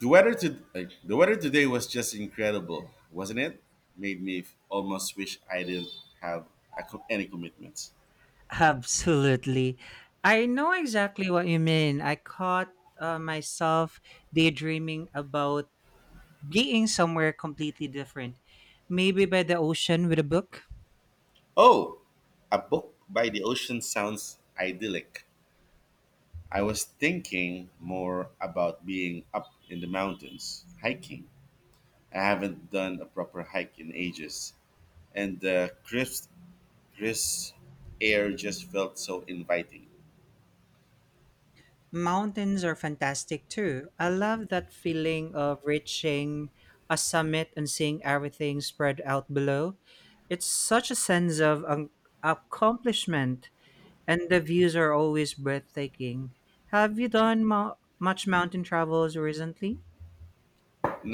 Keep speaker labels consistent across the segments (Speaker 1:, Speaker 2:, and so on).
Speaker 1: The weather today was just incredible, wasn't it? Made me almost wish I didn't have any commitments.
Speaker 2: Absolutely. I know exactly what you mean. I caught myself daydreaming about being somewhere completely different. Maybe by the ocean with a book.
Speaker 1: Oh, a book by the ocean sounds idyllic. I was thinking more about being up in the mountains, hiking. I haven't done a proper hike in ages, and the crisp air just felt so inviting.
Speaker 2: Mountains are fantastic too. I love that feeling of reaching a summit and seeing everything spread out below. It's such a sense of accomplishment, and the views are always breathtaking. Have you done much mountain travels recently?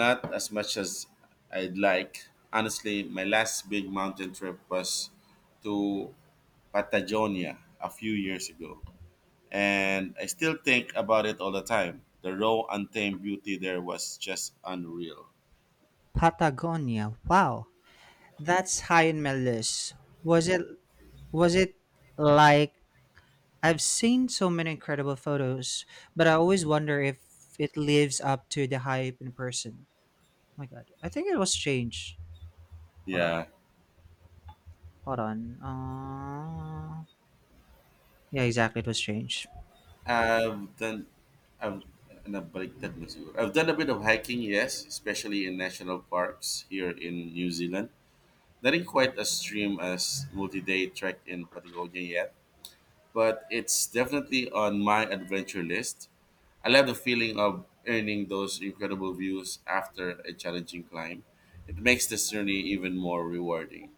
Speaker 1: Not as much as I'd like. Honestly, my last big mountain trip was to Patagonia a few years ago, and I still think about it all the time. The raw, untamed beauty there was just unreal.
Speaker 2: Patagonia. Wow, that's high on my list. Was it was it like I've seen so many incredible photos, but I always wonder if it lives up to the hype in person. Oh my god. I think it was changed. Hold on.
Speaker 1: Yeah,
Speaker 2: Hold on. Yeah, exactly. It was changed.
Speaker 1: I've done. I've nabaliktad mo siguro. I've done a bit of hiking, yes, especially in national parks here in New Zealand. Nothing quite as extreme as multi-day trek in Patagonia yet, but it's definitely on my adventure list. I love the feeling of earning those incredible views after a challenging climb. It makes this journey even more rewarding.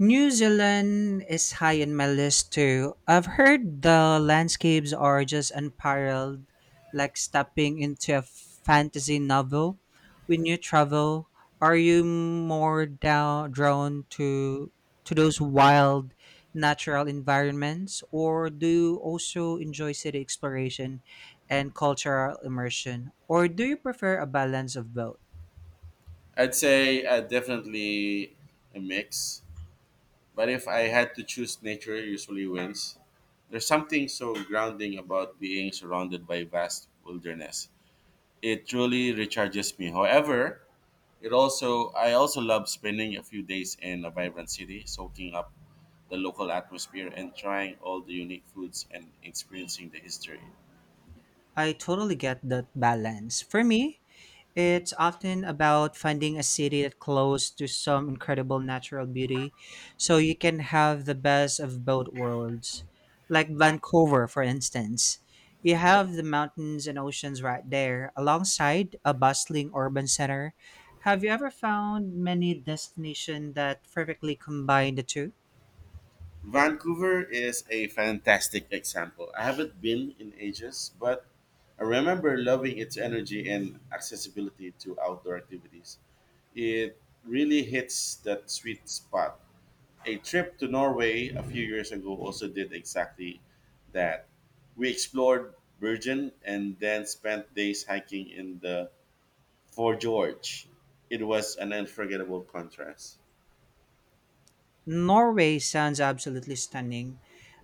Speaker 2: New Zealand is high on my list too. I've heard the landscapes are just unparalleled, like stepping into a fantasy novel. When you travel, are you drawn to those wild natural environments, or do you also enjoy city exploration and cultural immersion, or do you prefer a balance of both?
Speaker 1: I'd say definitely a mix, but if I had to choose, nature usually wins. There's something so grounding about being surrounded by vast wilderness. It truly recharges me. However, It also I also love spending a few days in a vibrant city, soaking up the local atmosphere and trying all the unique foods and experiencing the history.
Speaker 2: I totally get that balance. For me, it's often about finding a city that's close to some incredible natural beauty so you can have the best of both worlds. Like Vancouver, for instance. You have the mountains and oceans right there, alongside a bustling urban center. Have you ever found many destinations that perfectly combine the two?
Speaker 1: Vancouver is a fantastic example. I haven't been in ages, but I remember loving its energy and accessibility to outdoor activities. It really hits that sweet spot. A trip to Norway a few years ago also did exactly that. We explored Bergen and then spent days hiking in the Fjords. It was an unforgettable contrast.
Speaker 2: Norway sounds absolutely stunning.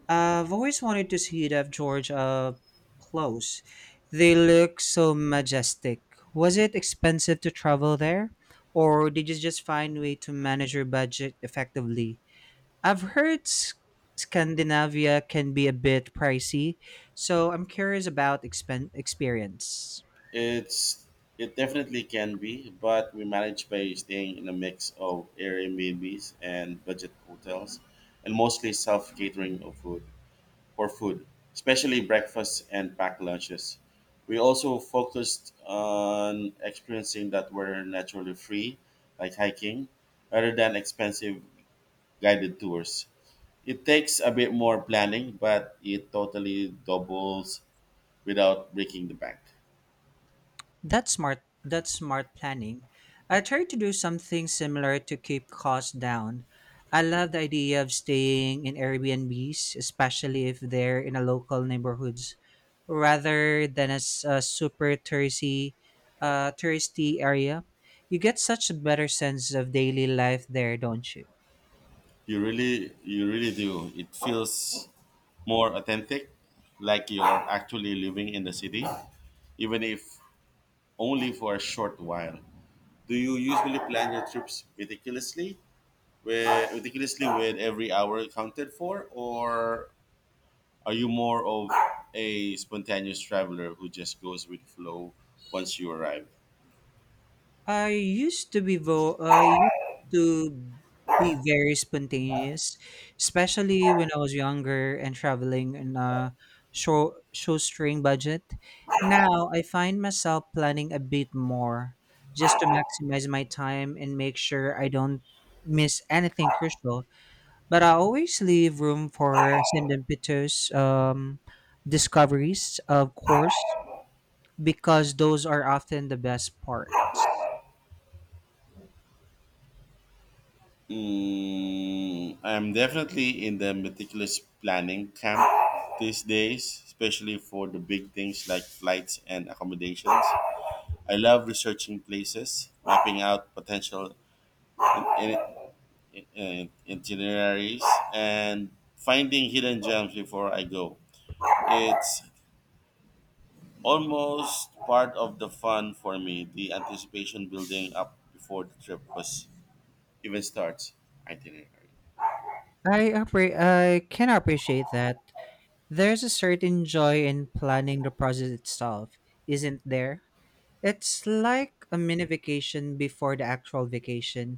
Speaker 2: I've always wanted to see that George up close. They look so majestic. Was it expensive to travel there? Or did you just find a way to manage your budget effectively? I've heard Scandinavia can be a bit pricey, so I'm curious about experience.
Speaker 1: It's it definitely can be, but we managed by staying in a mix of Airbnbs and budget hotels, and mostly self catering of food. For food, especially breakfast and packed lunches. We also focused on experiencing that were naturally free, like hiking, rather than expensive guided tours. It takes a bit more planning, but it totally doubles without breaking the bank.
Speaker 2: That's smart. That's smart planning. I try to do something similar to keep costs down. I love the idea of staying in Airbnbs, especially if they're in a local neighborhoods, rather than as a super touristy, touristy area. You get such a better sense of daily life there, don't you?
Speaker 1: You really do. It feels more authentic, like you're actually living in the city, even if only for a short while. Do you usually plan your trips meticulously, where meticulously with every hour accounted for, or are you more of a spontaneous traveler who just goes with the flow once you arrive?
Speaker 2: I used to be very spontaneous, especially when I was younger and traveling in a show shoestring budget. Now I find myself planning a bit more just to maximize my time and make sure I don't miss anything crucial. But I always leave room for serendipitous discoveries, of course, because those are often the best parts.
Speaker 1: I'm definitely in the meticulous planning camp these days, especially for the big things like flights and accommodations. I love researching places, mapping out potential in, in itineraries and finding hidden gems before I go. It's almost part of the fun for me, the anticipation building up before the trip was even starts. Itinerary.
Speaker 2: I can appreciate that. There's a certain joy in planning the process itself, isn't there? It's like a mini vacation before the actual vacation.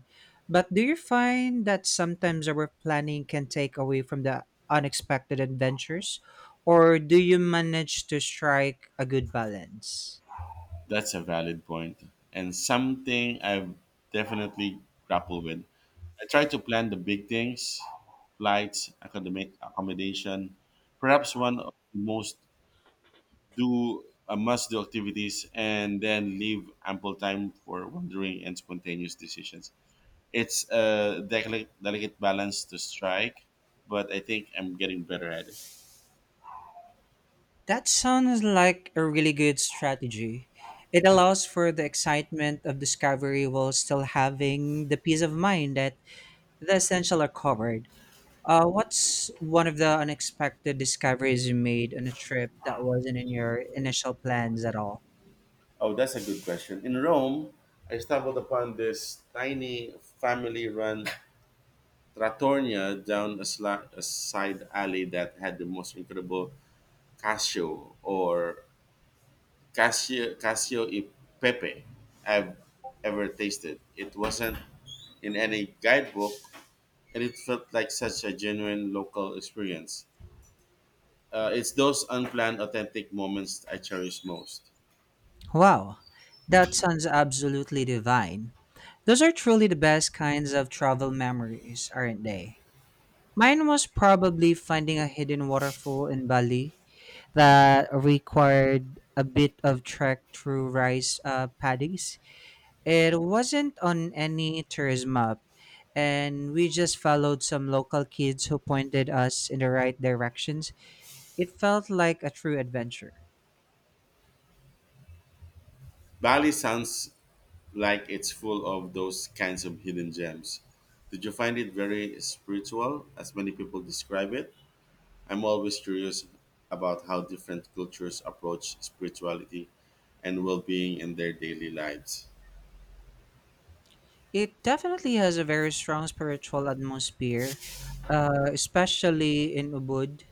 Speaker 2: But do you find that sometimes our planning can take away from the unexpected adventures? Or do you manage to strike a good balance?
Speaker 1: That's a valid point and something I've definitely grappled with. I try to plan the big things, flights, academic accommodation, perhaps one of the most do a must do activities and then leave ample time for wandering and spontaneous decisions. It's a delicate balance to strike, but I think I'm getting better at it.
Speaker 2: That sounds like a really good strategy. It allows for the excitement of discovery while still having the peace of mind that the essential are covered. What's one of the unexpected discoveries you made on a trip that wasn't in your initial plans at all?
Speaker 1: Oh, that's a good question. In Rome, I stumbled upon this tiny family run trattoria down a side alley that had the most incredible cacio or Casio Casio e Pepe I've ever tasted. It wasn't in any guidebook, and it felt like such a genuine local experience. It's those unplanned, authentic moments I cherish most.
Speaker 2: Wow, that sounds absolutely divine. Those are truly the best kinds of travel memories, aren't they? Mine was probably finding a hidden waterfall in Bali that required a bit of trek through rice paddies. It wasn't on any tourism map, and we just followed some local kids who pointed us in the right directions. It felt like a true adventure.
Speaker 1: Bali sounds like it's full of those kinds of hidden gems. Did you find it very spiritual, as many people describe it? I'm always curious about how different cultures approach spirituality and well being in their daily lives.
Speaker 2: It definitely has a very strong spiritual atmosphere, especially in Ubud.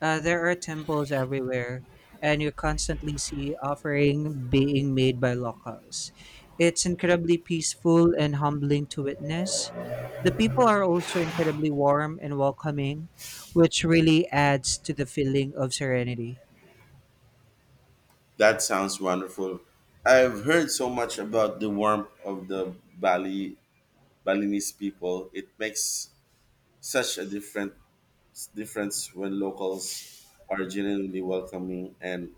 Speaker 2: There are temples everywhere, and you constantly see offering being made by locals. It's incredibly peaceful and humbling to witness. The people are also incredibly warm and welcoming, which really adds to the feeling of serenity.
Speaker 1: That sounds wonderful. I've heard so much about the warmth of the Balinese people. It makes such a different difference when locals are genuinely welcoming and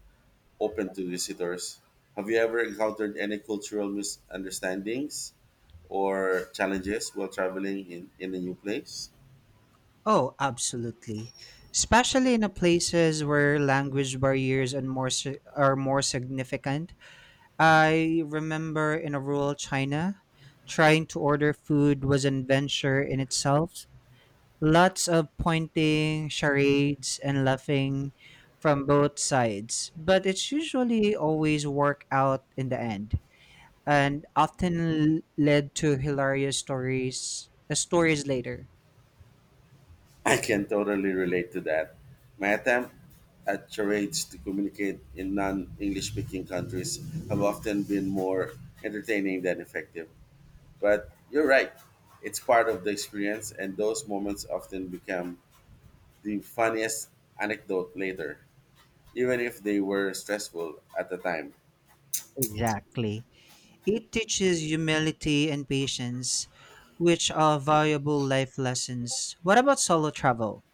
Speaker 1: open to visitors. Have you ever encountered any cultural misunderstandings or challenges while traveling in a new place?
Speaker 2: Oh, absolutely. Especially in the places where language barriers and are more significant. I remember in a rural China, trying to order food was an adventure in itself. Lots of pointing, charades, and laughing from both sides, but it's usually always work out in the end, and often led to hilarious stories. Stories later.
Speaker 1: I can totally relate to that. My attempt at charades to communicate in non English speaking countries have often been more entertaining than effective. But you're right, it's part of the experience, and those moments often become the funniest anecdote later, even if they were stressful at the time.
Speaker 2: Exactly. It teaches humility and patience, which are valuable life lessons. What about solo travel?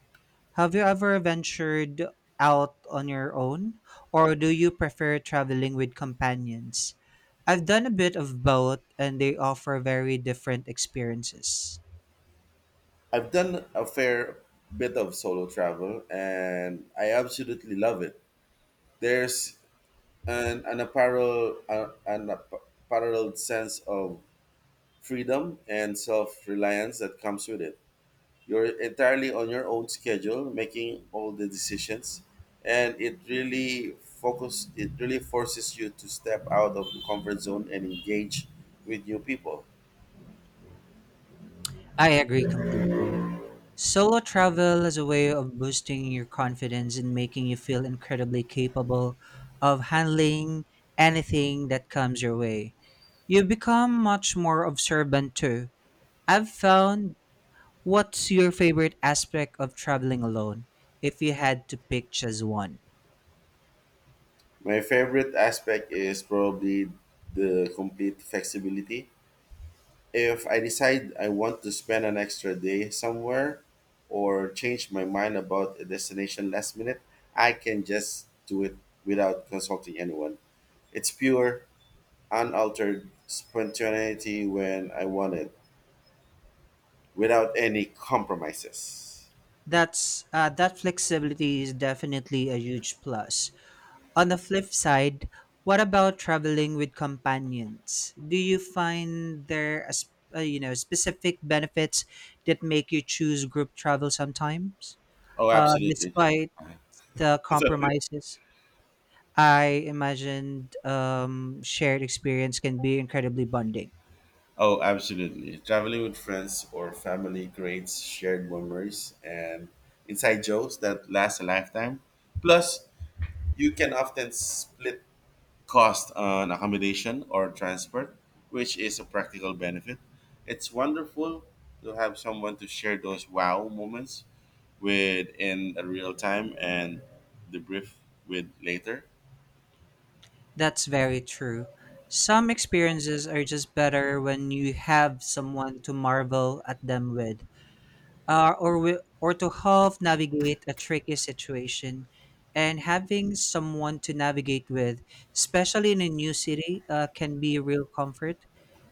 Speaker 2: Have you ever ventured out on your own, or do you prefer traveling with companions? I've done a bit of both, and they offer very different experiences.
Speaker 1: I've done a fair bit of solo travel, and I absolutely love it. There's and an apparel an unparalleled sense of freedom and self-reliance that comes with it. You're entirely on your own schedule making all the decisions, and it really forces you to step out of the comfort zone and engage with new people.
Speaker 2: I agree completely. Solo travel is a way of boosting your confidence and making you feel incredibly capable of handling anything that comes your way. You become much more observant too. I've found what's your favorite aspect of traveling alone if you had to pick just one?
Speaker 1: My favorite aspect is probably the complete flexibility. If I decide I want to spend an extra day somewhere or change my mind about a destination last minute, I can just do it without consulting anyone. It's pure, unaltered spontaneity when I want it, without any compromises.
Speaker 2: That flexibility is definitely a huge plus. On the flip side, what about traveling with companions? Do you find there a, you know specific benefits that make you choose group travel sometimes,
Speaker 1: Oh, absolutely.
Speaker 2: despite the
Speaker 1: Sorry.
Speaker 2: compromises? I imagined shared experience can be incredibly bonding.
Speaker 1: Oh, absolutely. Traveling with friends or family creates shared memories and inside jokes that last a lifetime. Plus, you can often split cost on accommodation or transport, which is a practical benefit. It's wonderful to have someone to share those wow moments with in a real time and debrief with later.
Speaker 2: That's very true. Some experiences are just better when you have someone to marvel at them with, or to help navigate a tricky situation. And having someone to navigate with, especially in a new city, can be a real comfort.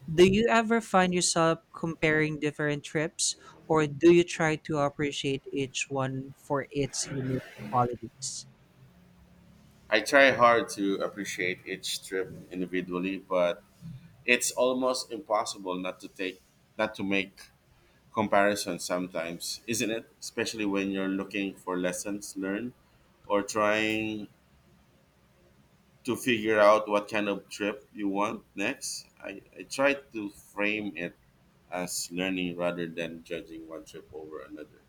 Speaker 2: Do you ever find yourself comparing different trips, or do you try to appreciate each one for its unique qualities?
Speaker 1: I try hard to appreciate each trip individually, but it's almost impossible not to make comparisons sometimes, isn't it? Especially when you're looking for lessons learned or trying to figure out what kind of trip you want next. I try to frame it as learning rather than judging one trip over another.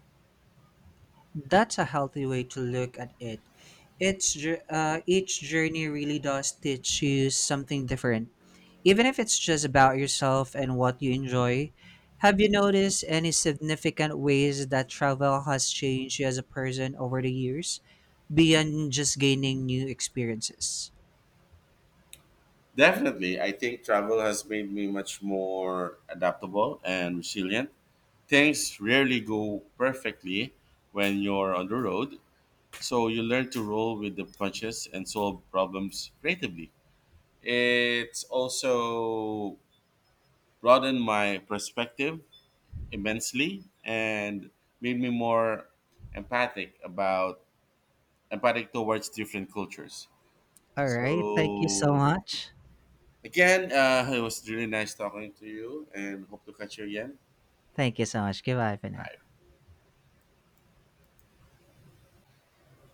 Speaker 2: That's a healthy way to look at it. Each journey really does teach you something different. Even if it's just about yourself and what you enjoy, have you noticed any significant ways that travel has changed you as a person over the years beyond just gaining new experiences?
Speaker 1: Definitely, I think travel has made me much more adaptable and resilient. Things rarely go perfectly when you're on the road, so you learn to roll with the punches and solve problems creatively. It's also broadened my perspective immensely and made me more empathic about empathic towards different cultures.
Speaker 2: All right. Thank you so
Speaker 1: So
Speaker 2: much.
Speaker 1: again, it was really nice talking to you, and hope to catch you again.
Speaker 2: Thank you so much. Goodbye for now.
Speaker 1: Bye.